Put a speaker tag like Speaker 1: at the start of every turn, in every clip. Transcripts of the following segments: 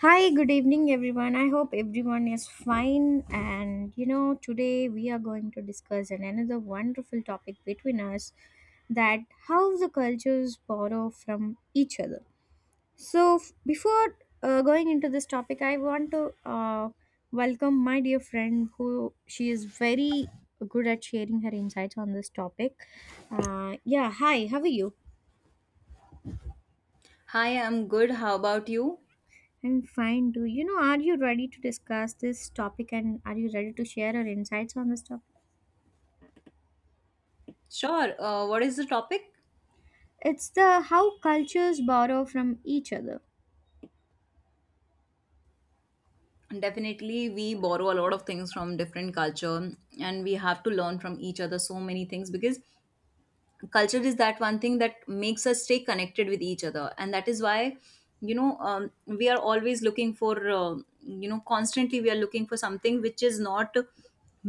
Speaker 1: Hi, good evening, everyone. I hope everyone is fine. And today we are going to discuss another wonderful topic between us, that how the cultures borrow from each other. So, before going into this topic, I want to welcome my dear friend who she is very good at sharing her insights on this topic. Yeah, hi, how are you?
Speaker 2: Hi, I'm good. How about you?
Speaker 1: I'm fine, do you know? Are you ready to discuss this topic and are you ready to share your insights on this topic?
Speaker 2: Sure. What is the topic?
Speaker 1: It's the how cultures borrow from each other.
Speaker 2: Definitely, we borrow a lot of things from different culture, and we have to learn from each other so many things because culture is that one thing that makes us stay connected with each other, and that is why we are always looking for constantly we are looking for something which is not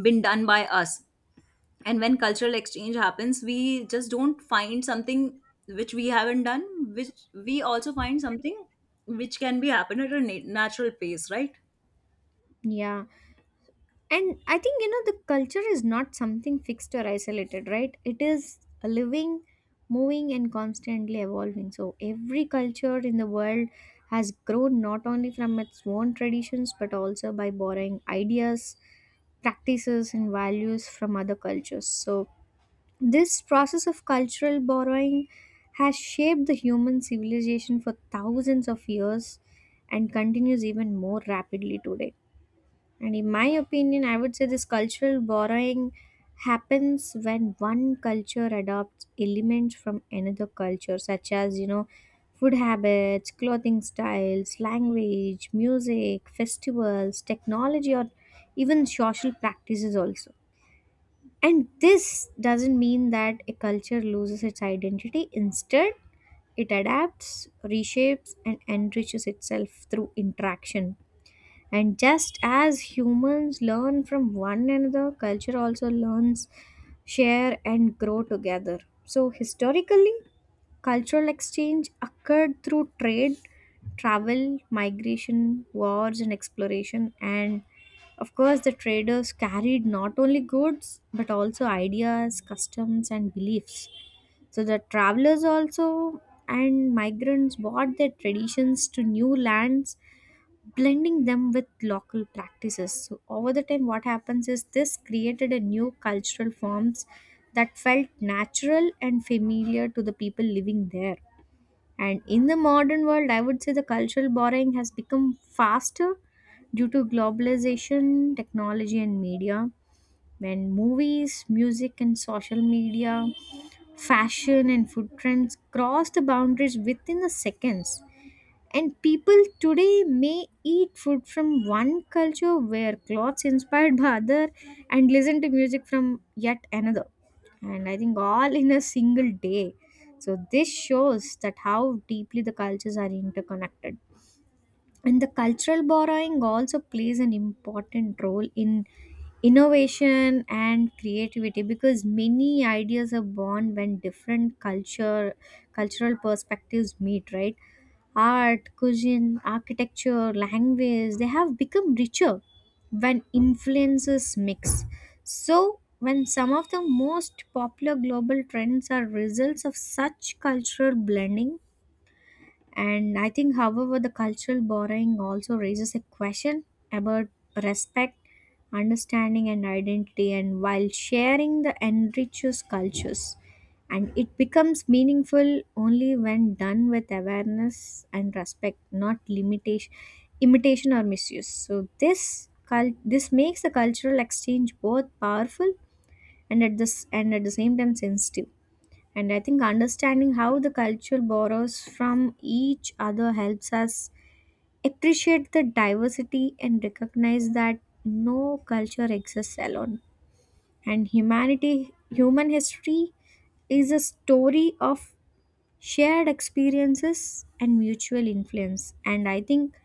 Speaker 2: been done by us, and when cultural exchange happens we just don't find something which we haven't done, which we also find something which can be happen at a natural pace, right?
Speaker 1: Yeah. And I think, you know, the culture is not something fixed or isolated, right? It is a living, moving, and constantly evolving. So every culture in the world has grown not only from its own traditions but also by borrowing ideas, practices, and values from other cultures. So, this process of cultural borrowing has shaped the human civilization for thousands of years and continues even more rapidly today. And in my opinion, I would say this cultural borrowing happens when one culture adopts elements from another culture, such as, you know, food habits, clothing styles, language, music, festivals, technology, or even social practices also, and this doesn't mean that a culture loses its identity. Instead, it adapts, reshapes, and enriches itself through interaction. And just as humans learn from one another, culture also learns, share, and grow together. So, historically, cultural exchange occurred through trade, travel, migration, wars, and exploration. And of course, the traders carried not only goods but also ideas, customs, and beliefs. So the travelers also and migrants brought their traditions to new lands, blending them with local practices. So over the time, what happens is this created a new cultural forms that felt natural and familiar to the people living there. And in the modern world, I would say the cultural borrowing has become faster due to globalization, technology, and media. When movies, music, and social media, fashion, and food trends cross the boundaries within the seconds, and people today may eat food from one culture, wear clothes inspired by other, and listen to music from yet another. And I think all in a single day. So this shows that how deeply the cultures are interconnected. And the cultural borrowing also plays an important role in innovation and creativity because many ideas are born when different culture cultural perspectives meet, right? Art, cuisine, architecture, language, they have become richer when influences mix. So when some of the most popular global trends are results of such cultural blending, and I think, however, the cultural borrowing also raises a question about respect, understanding, and identity. And while sharing the enriches cultures, and it becomes meaningful only when done with awareness and respect, not limitation, imitation or misuse. So this makes the cultural exchange both powerful and at this and at the same time sensitive. And I think understanding how the culture borrows from each other helps us appreciate the diversity and recognize that no culture exists alone. And humanity, human history is a story of shared experiences and mutual influence. And I think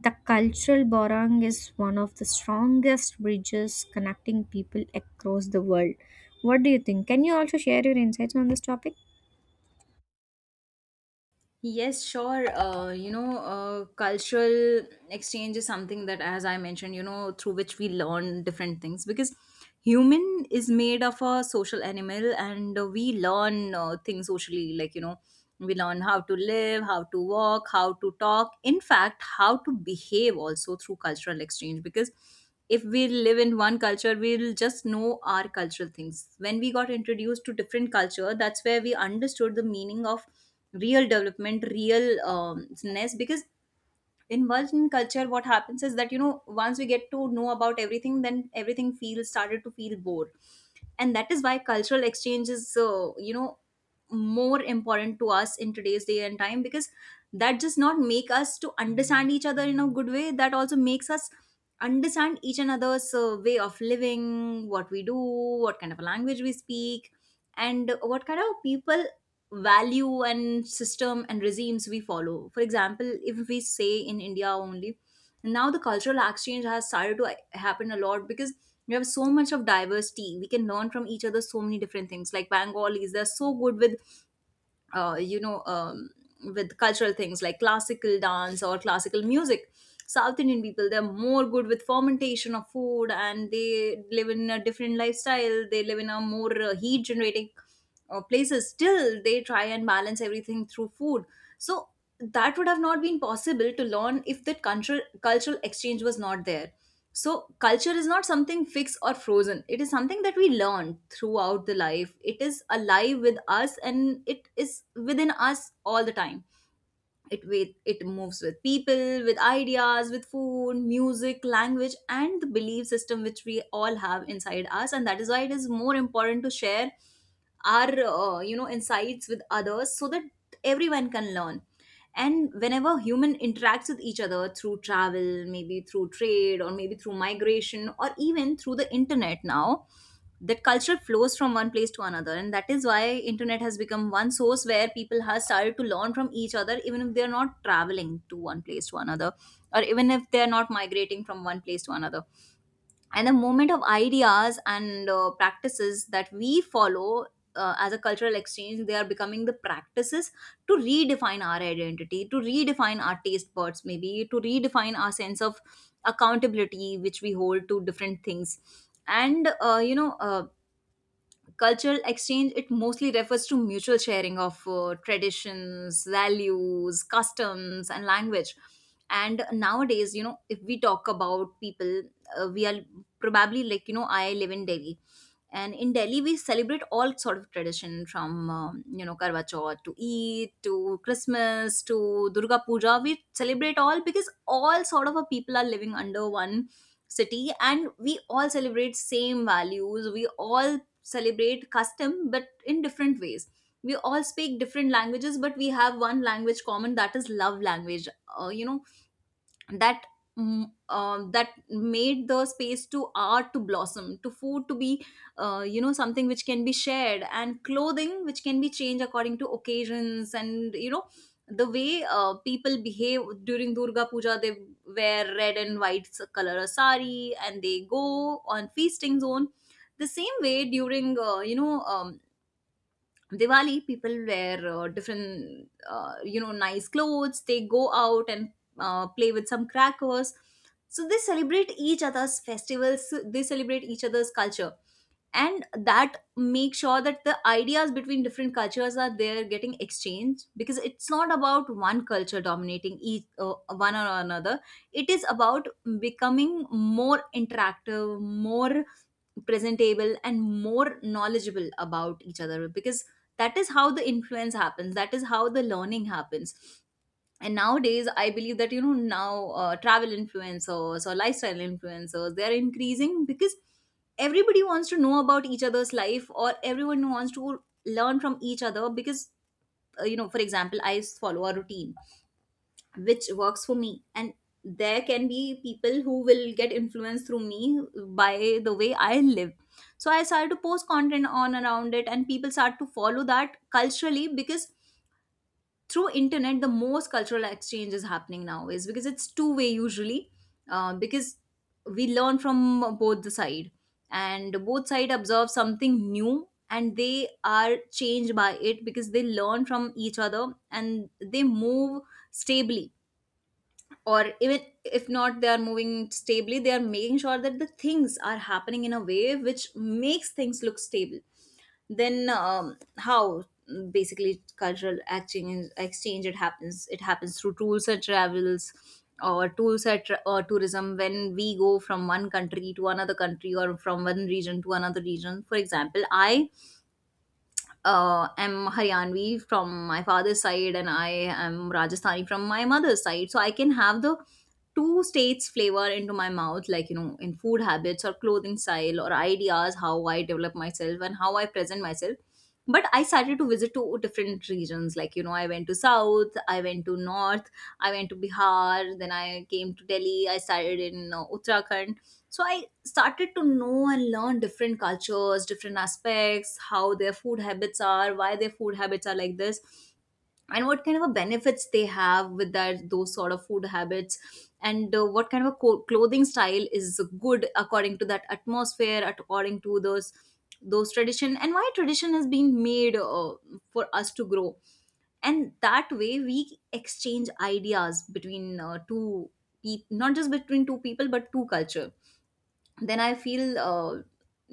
Speaker 1: the cultural borrowing is one of the strongest bridges connecting people across the world. What do you think? Can you also share your insights on this topic?
Speaker 2: Yes, sure. Cultural exchange is something that, as I mentioned, you know, through which we learn different things because human is made of a social animal and we learn things socially. Like, you know, we learn how to live, how to walk, how to talk, in fact, how to behave also through cultural exchange because if we live in one culture we'll just know our cultural things. When we got introduced to different culture, that's where we understood the meaning of real development, real ness, because in Western culture what happens is that you know once we get to know about everything, then everything feels started to feel bored, and that is why cultural exchange is you know more important to us in today's day and time because that does not make us to understand each other in a good way, that also makes us understand each another's way of living, what we do, what kind of a language we speak, and what kind of people value and system and regimes we follow. For example, if we say in India only, now the cultural exchange has started to happen a lot because we have so much of diversity. We can learn from each other so many different things, like Bengalis, they're so good with uh, you know, um, with cultural things like classical dance or classical music. South Indian people, they're more good with fermentation of food and they live in a different lifestyle. They live in a more heat generating places. Still, they try and balance everything through food. So, that would have not been possible to learn if that cultural exchange was not there. So, culture is not something fixed or frozen. It is something that we learn throughout the life. It is alive with us and it is within us all the time. It with it moves with people, with ideas, with food, music, language, and the belief system which we all have inside us, and that is why it is more important to share our insights with others so that everyone can learn. And whenever human interacts with each other through travel, maybe through trade or maybe through migration or even through the internet now, that culture flows from one place to another, and that is why internet has become one source where people have started to learn from each other even if they are not traveling to one place to another, or even if they are not migrating from one place to another. And the movement of ideas and practices that we follow as a cultural exchange, they are becoming the practices to redefine our identity, to redefine our taste buds, maybe to redefine our sense of accountability which we hold to different things. And cultural exchange, it mostly refers to mutual sharing of traditions, values, customs and language. And nowadays, you know, if we talk about people, we are probably like you know I live in Delhi, and in Delhi we celebrate all sort of tradition, from you know Karwa Chauth to Eid to Christmas to Durga Puja. We celebrate all because all sort of a people are living under one city, and we all celebrate same values, we all celebrate custom but in different ways. We all speak different languages but we have one language common, that is love language. uh, you know that that made the space to art to blossom, to food to be you know something which can be shared, and clothing which can be changed according to occasions. And you know, the way people behave during Durga Puja, they wear red and white color of sari and they go on feasting zone. The same way during Diwali, people wear different, nice clothes. They go out and play with some crackers. So they celebrate each other's festivals. They celebrate each other's culture, and that makes sure that the ideas between different cultures are there getting exchanged, because it's not about one culture dominating each one or another. It is about becoming more interactive, more presentable and more knowledgeable about each other, because that is how the influence happens, that is how the learning happens. And nowadays I believe that you know now travel influencers or lifestyle influencers, they are increasing because everybody wants to know about each other's life, or everyone wants to learn from each other. Because you know, for example, I follow a routine which works for me, and there can be people who will get influenced through me, by the way I live. So I started to post content on around it and people start to follow that culturally, because through internet the most cultural exchange is happening nowadays, because it's two-way usually, because we learn from both the side, and both side observe something new and they are changed by it because they learn from each other and they move stably. Or even if not, they are moving stably, they are making sure that the things are happening in a way which makes things look stable. Then how basically cultural exchange, it happens, it happens through tools and travels, or tourism, when we go from one country to another country, or from one region to another region. For example, I am Haryanvi from my father's side, and I am Rajasthani from my mother's side. So I can have the two states flavor into my mouth, like you know, in food habits or clothing style or ideas, how I develop myself and how I present myself. But I started to visit to different regions, like you know, I went to South, I went to North, I went to Bihar, then I came to Delhi, I started in Uttarakhand. So I started to know and learn different cultures, different aspects, how their food habits are, why their food habits are like this, and what kind of a benefits they have with that those sort of food habits, and what kind of a clothing style is good according to that atmosphere, according to those tradition, and why tradition has been made for us to grow. And that way, we exchange ideas between two people, not just between two people, but two culture. Then I feel uh,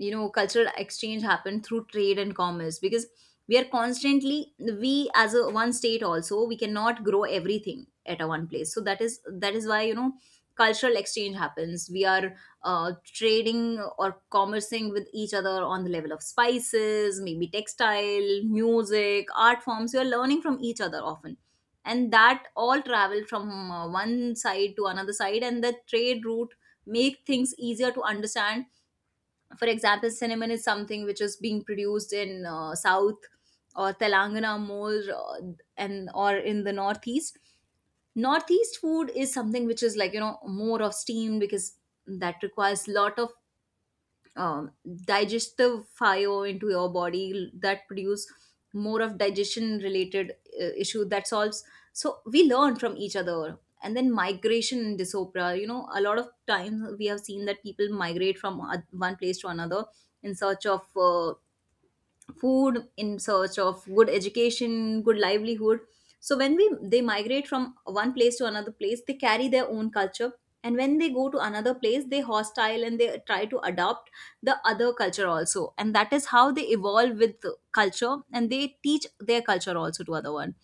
Speaker 2: you know cultural exchange happened through trade and commerce, because we are constantly, we as a one state also, we cannot grow everything at a one place. So that is, that is why you know cultural exchange happens. We are trading or commercing with each other on the level of spices, maybe textile, music, art forms, you are learning from each other often, and that all travel from one side to another side, and the trade route make things easier to understand. For example, cinnamon is something which is being produced in South or Telangana more, and or in the Northeast. Northeast food is something which is like more of steam because that requires lot of um, digestive fire into your body that produce more of digestion related issue that solves. So we learn from each other, and then migration in disopra. A lot of times we have seen that people migrate from one place to another in search of food, in search of good education, good livelihood. So when we they migrate from one place to another place, they carry their own culture, and when they go to another place, they hostile and they try to adopt the other culture also, and that is how they evolve with the culture and they teach their culture also to other one.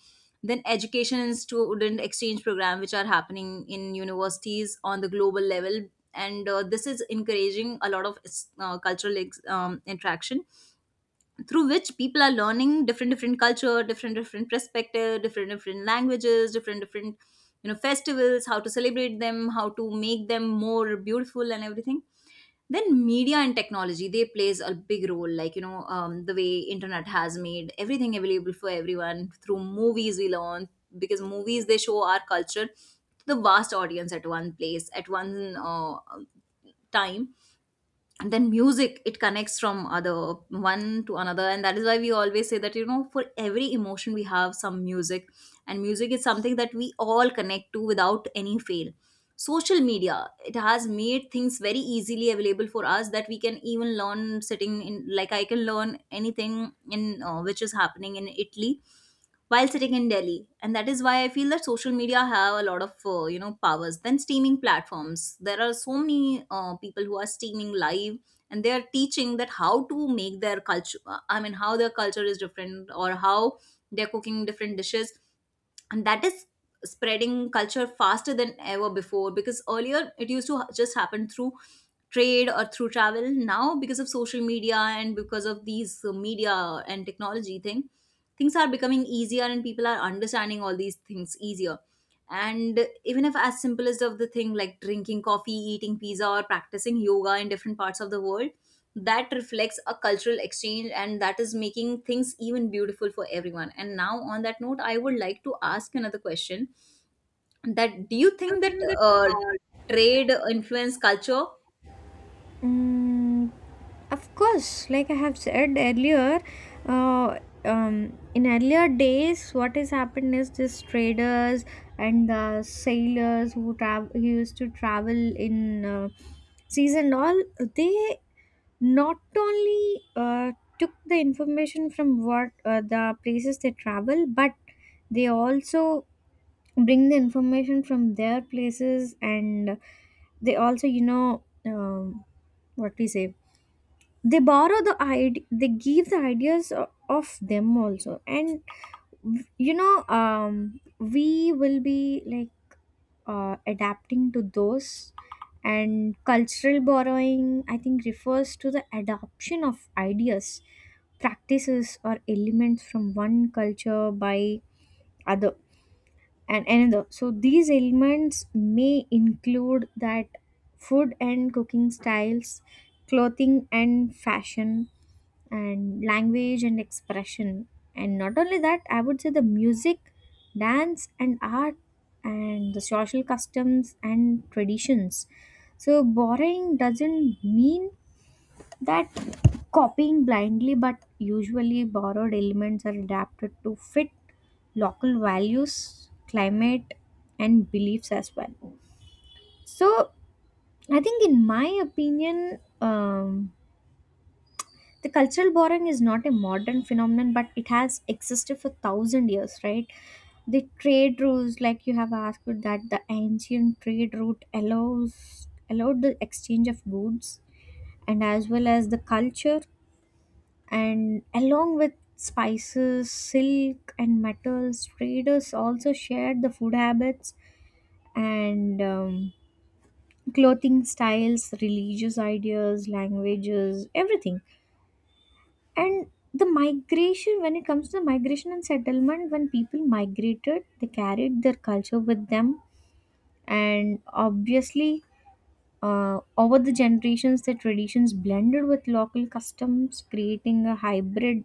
Speaker 2: Then education and student exchange program which are happening in universities on the global level, and this is encouraging a lot of interaction through which people are learning different different culture, different different perspective, different different languages, different different, festivals, how to celebrate them, how to make them more beautiful and everything. Then media and technology, they plays a big role, like the way internet has made everything available for everyone. Through movies we learn, because movies they show our culture to the vast audience at one place at one time. And then music, it connects from other one to another, and that is why we always say that for every emotion we have some music, and music is something that we all connect to without any fail. Social media, it has made things very easily available for us that we can even learn sitting in, like I can learn anything in which is happening in Italy while sitting in Delhi. And that is why I feel that social media have a lot of powers. Then streaming platforms. There are so many people who are streaming live and they are teaching that how to make their culture. I mean, how their culture is different, or how they're cooking different dishes. And that is spreading culture faster than ever before, because earlier it used to just happen through trade or through travel. Now because of social media and because of these media and technology thing, things are becoming easier and people are understanding all these things easier. And even if as simple as of the thing like drinking coffee, eating pizza, or practicing yoga in different parts of the world, that reflects a cultural exchange, and that is making things even beautiful for everyone. And now on that note, I would like to ask another question: that do you think that uh, trade influence culture?
Speaker 1: Mm, of course, like I have said earlier, in earlier days, what has happened is these traders and the sailors who travel who used to travel in seas and all, they not only took the information from what the places they travel, but they also bring the information from their places, and they also, what we say they borrow the idea, they give the ideas of them also. And we will be like adapting to those. And cultural borrowing, I think, refers to the adoption of ideas, practices or elements from one culture by other and another. So these elements may include that food and cooking styles, clothing and fashion, and language and expression. And not only that, I would say the music, dance, and art, and the social customs and traditions. So, borrowing doesn't mean that copying blindly, but usually borrowed elements are adapted to fit local values, climate, and beliefs as well. So, I think, in my opinion, the cultural borrowing is not a modern phenomenon but it has existed for thousand years, right? The trade routes, like you have asked, that the ancient trade route allows allowed the exchange of goods and as well as the culture. And along with spices, silk and metals, traders also shared the food habits and clothing styles, religious ideas, languages, everything. And the migration, when it comes to the migration and settlement, when people migrated, they carried their culture with them. And obviously, over the generations, the traditions blended with local customs, creating a hybrid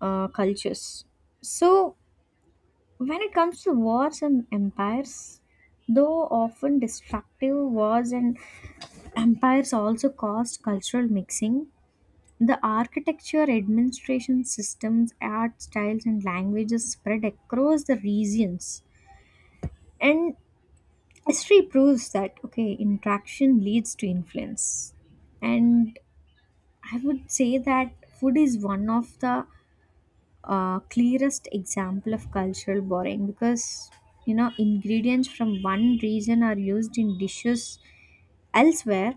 Speaker 1: cultures. So, when it comes to wars and empires, though often destructive, wars and empires also caused cultural mixing. The architecture, administration systems, art styles, and languages spread across the regions. And history proves that, okay, interaction leads to influence. And I would say that food is one of the clearest example of cultural borrowing because, you know, ingredients from one region are used in dishes elsewhere,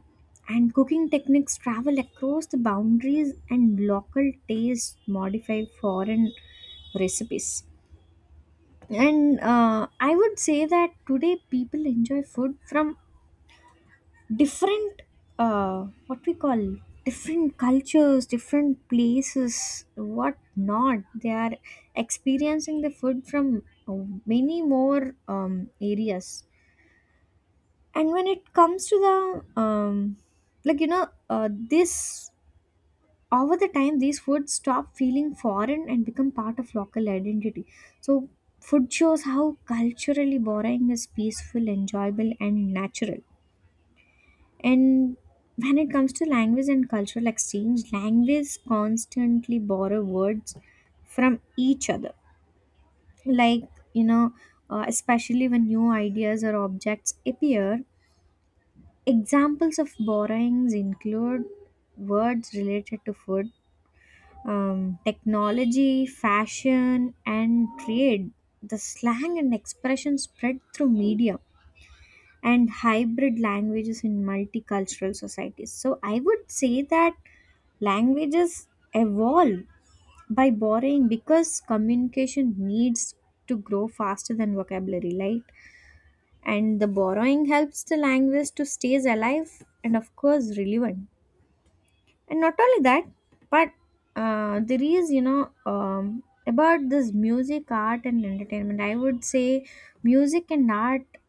Speaker 1: and cooking techniques travel across the boundaries, and local tastes modify foreign recipes. And I would say that today people enjoy food from different, what we call, different cultures, different places, what not. They are experiencing the food from uh, many more areas. And when it comes to the like this, over the time these foods stop feeling foreign and become part of local identity. So food shows how culturally borrowing is peaceful, enjoyable and natural. And when it comes to language and cultural exchange, language constantly borrow words from each other, like you know, especially when new ideas or objects appear. Examples of borrowings include words related to food, technology, fashion, and trade, the slang and expression spread through media, and hybrid languages in multicultural societies. So I would say that languages evolve by borrowing because communication needs to grow faster than vocabulary, right? And the borrowing helps the language to stays alive and of course relevant. And not only that, but there is, about this music, art and entertainment, I would say music and art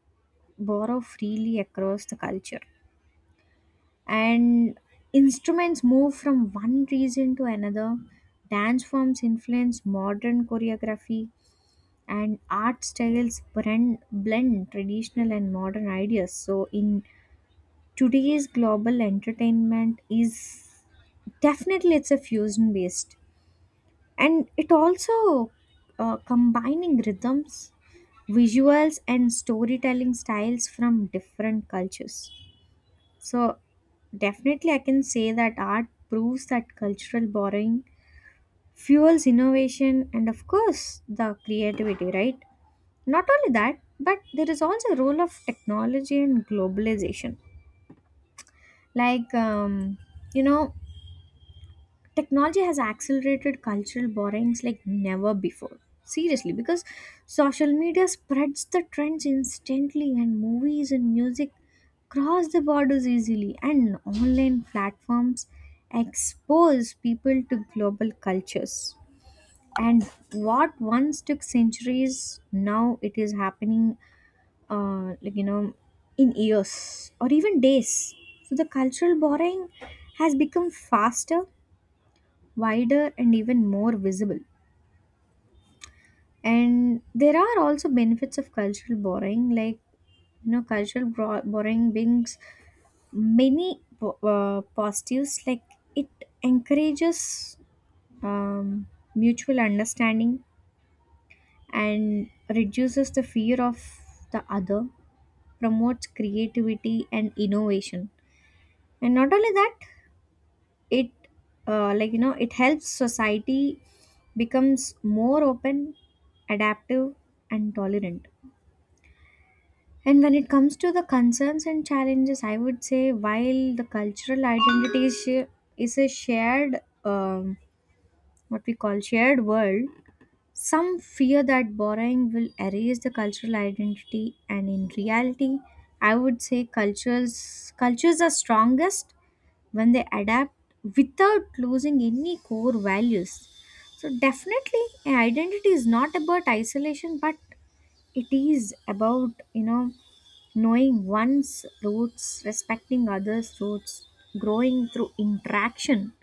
Speaker 1: borrow freely across the culture, and instruments move from one region to another, dance forms influence modern choreography, and art styles blend traditional and modern ideas. So in today's global entertainment is, definitely it's a fusion based, and it also combining rhythms, visuals and storytelling styles from different cultures. So definitely I can say that art proves that cultural borrowing fuels innovation and of course the creativity, right? Not only that, but there is also a role of technology and globalization, like you know technology has accelerated cultural borrowings like never before, seriously, because social media spreads the trends instantly, and movies and music cross the borders easily, and online platforms expose people to global cultures. And what once took centuries now it is happening, like you know, in years or even days. So the cultural borrowing has become faster, wider and even more visible. And there are also benefits of cultural borrowing, like you know, borrowing brings many positives. Like it encourages um, mutual understanding and reduces the fear of the other, promotes creativity and innovation. And not only that, it like you know, it helps society becomes more open, adaptive and tolerant. And when it comes to the concerns and challenges, I would say while the cultural identity is a shared what we call shared world, some fear that borrowing will erase the cultural identity, and in reality I would say cultures are strongest when they adapt without losing any core values. So, definitely, a identity is not about isolation, but it is about, you know, knowing one's roots, respecting others' roots, growing through interaction,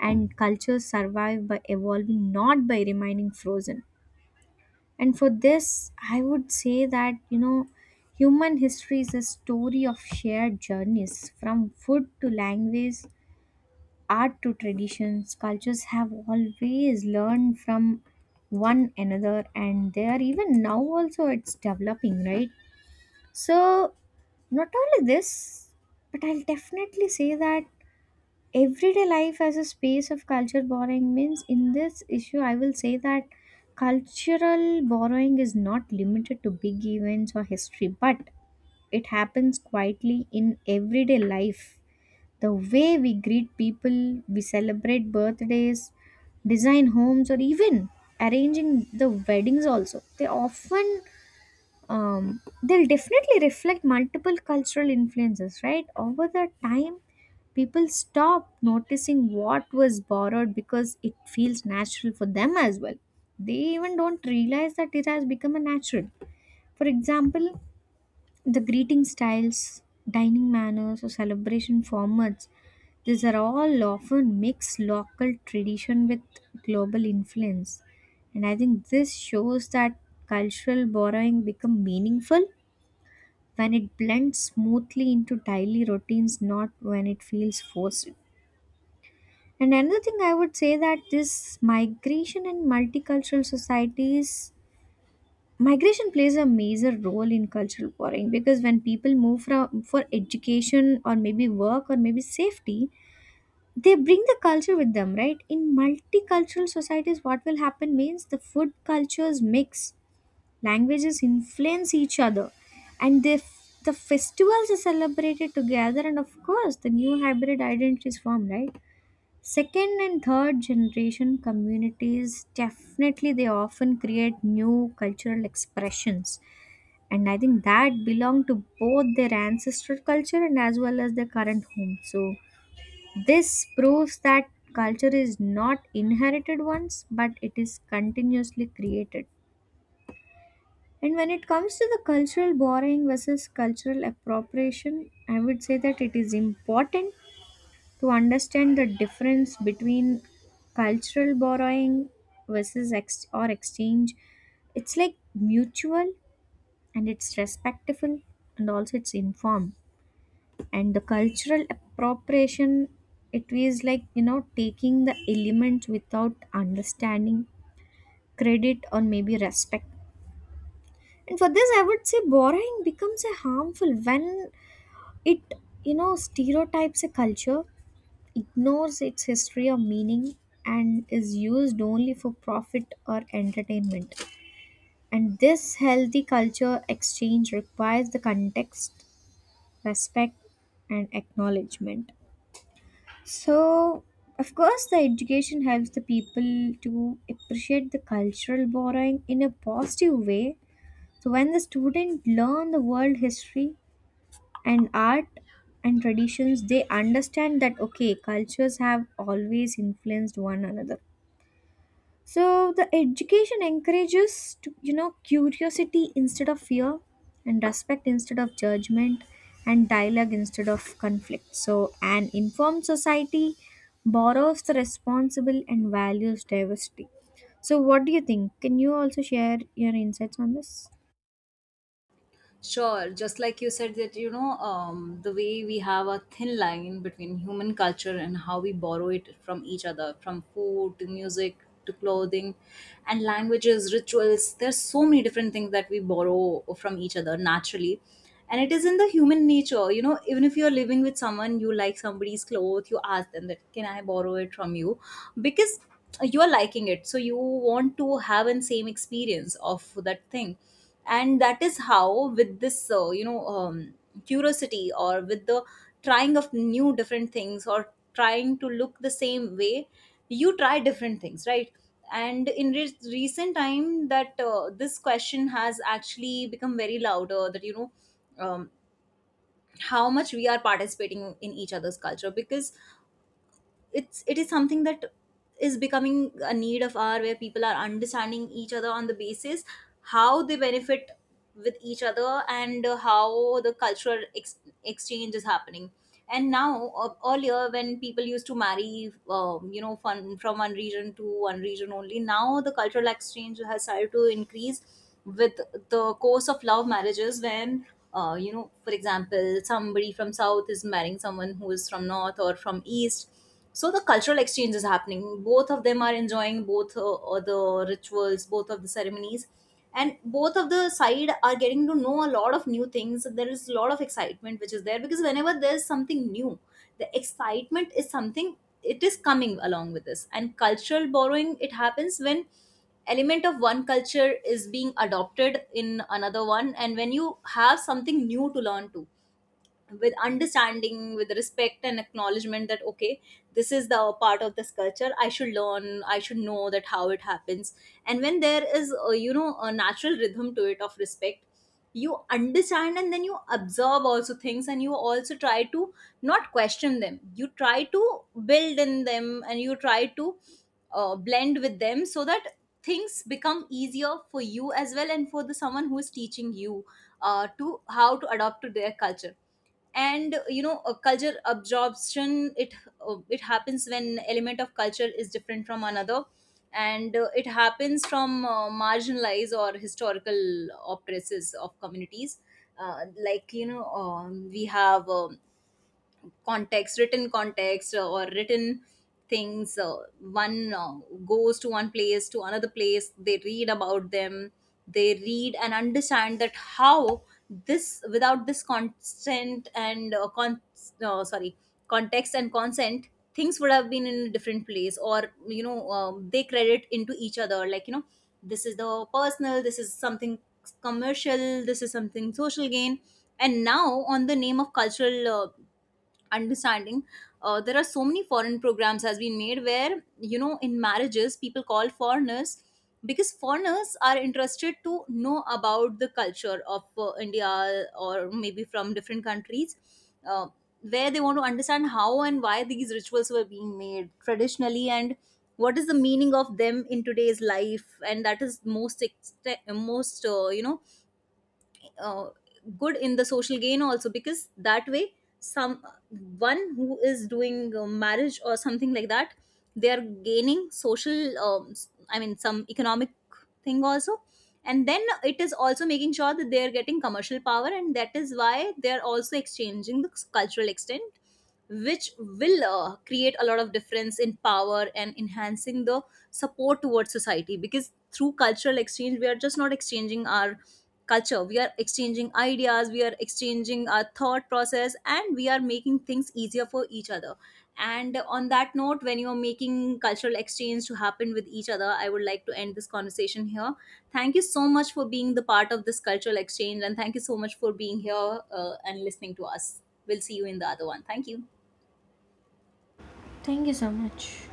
Speaker 1: and cultures survive by evolving, not by remaining frozen. And for this, I would say that, you know, human history is a story of shared journeys from food to language, art to traditions, cultures have always learned from one another, and they are even now also it's developing, right? So, not only this, but I'll definitely say that everyday life as a space of culture borrowing means in this issue, I will say that cultural borrowing is not limited to big events or history, but it happens quietly in everyday life. The way we greet people, we celebrate birthdays, design homes, or even arranging the weddings also. They often, they'll definitely reflect multiple cultural influences, right? Over the time, people stop noticing what was borrowed because it feels natural for them as well. They even don't realize that it has become a natural. For example, the greeting styles, dining manners, or celebration formats, these are all often mix local tradition with global influence. And I think this shows that cultural borrowing become meaningful when it blends smoothly into daily routines, not when it feels forced. And another thing I would say that this migration and multicultural societies, migration plays a major role in cultural warring because when people move from for education or maybe work or maybe safety, they bring the culture with them, right? In multicultural societies, what will happen means the food cultures mix, languages influence each other, and the festivals are celebrated together, and of course, the new hybrid identities form, right? Second and third generation communities definitely they often create new cultural expressions, and I think that belong to both their ancestral culture and as well as their current home. So this proves that culture is not inherited once but it is continuously created. And when it comes to the cultural borrowing versus cultural appropriation, I would say that it is important to understand the difference between cultural borrowing versus ex- or exchange. It's like mutual, and it's respectful, and also it's informed. And the cultural appropriation, it is like you know, taking the elements without understanding, credit or maybe respect. And for this I would say borrowing becomes a harmful when it, you know, stereotypes a culture, ignores its history or meaning, and is used only for profit or entertainment. And this healthy culture exchange requires the context, respect and acknowledgement. So, of course, the education helps the people to appreciate the cultural borrowing in a positive way. So, when the student learn the world history and art and traditions, they understand that, okay, cultures have always influenced one another. So the education encourages to, you know, curiosity instead of fear, and respect instead of judgment, and dialogue instead of conflict. So an informed society borrows the responsible and values diversity. So what do you think? Can you also share your insights on this?
Speaker 2: Sure, just like you said that the way we have a thin line between human culture and how we borrow it from each other, from food to music to clothing and languages, rituals. There's so many different things that we borrow from each other naturally, and it is in the human nature. You know, even if you're living with someone, you like somebody's clothes, you ask them that can I borrow it from you, because you are liking it, so you want to have an same experience of that thing. And that is how with this curiosity, or with the trying of new different things or trying to look the same way, you try different things, right? And in recent time that this question has actually become very louder, that um, how much we are participating in each other's culture, because it is something that is becoming a need of our, where people are understanding each other on the basis how they benefit with each other, and how the exchange is happening. And now earlier, when people used to marry, from one region to one region only, now the cultural exchange has started to increase with the course of love marriages. When for example somebody from south is marrying someone who is from north or from east, so the cultural exchange is happening, both of them are enjoying both the rituals, both of the ceremonies, and both of the side are getting to know a lot of new things. There is a lot of excitement which is there, because whenever there's something new, the excitement is something, it is coming along with this. And cultural borrowing, it happens when element of one culture is being adopted in another one, and when you have something new to learn to, with understanding, with respect and acknowledgement, that okay, this is the part of this culture, I should learn, I should know that how it happens. And when there is a, a natural rhythm to it of respect, you understand, and then you observe also things, and you also try to not question them, you try to build in them, and you try to blend with them, so that things become easier for you as well, and for the someone who is teaching you to how to adopt to their culture. And a culture absorption, it it happens when element of culture is different from another, and it happens from marginalized or historical oppressors of communities. Uh, like you know We have context, written context, or written things. One goes to one place to another place, they read about them, they read and understand that how this, without this consent and sorry, context and consent, things would have been in a different place. Or they credit into each other, like this is the personal, this is something commercial, this is something social gain. And now on the name of cultural understanding, there are so many foreign programs has been made, where in marriages people call foreigners, because foreigners are interested to know about the culture of India, or maybe from different countries, uh, where they want to understand how and why these rituals were being made traditionally, and what is the meaning of them in today's life. And that is most most uh, good in the social gain also, because that way some one who is doing marriage or something like that, they are gaining social, I mean some economic thing also. And then it is also making sure that they are getting commercial power, and that is why they are also exchanging the cultural extent, which will create a lot of difference in power and enhancing the support towards society. Because through cultural exchange, we are just not exchanging our culture, we are exchanging ideas, we are exchanging our thought process, and we are making things easier for each other. And on that note, when you are making cultural exchange to happen with each other, I would like to end this conversation here. Thank you so much for being the part of this cultural exchange, and thank you so much for being here and listening to us. We'll see you in the other one. Thank you.
Speaker 1: Thank you so much.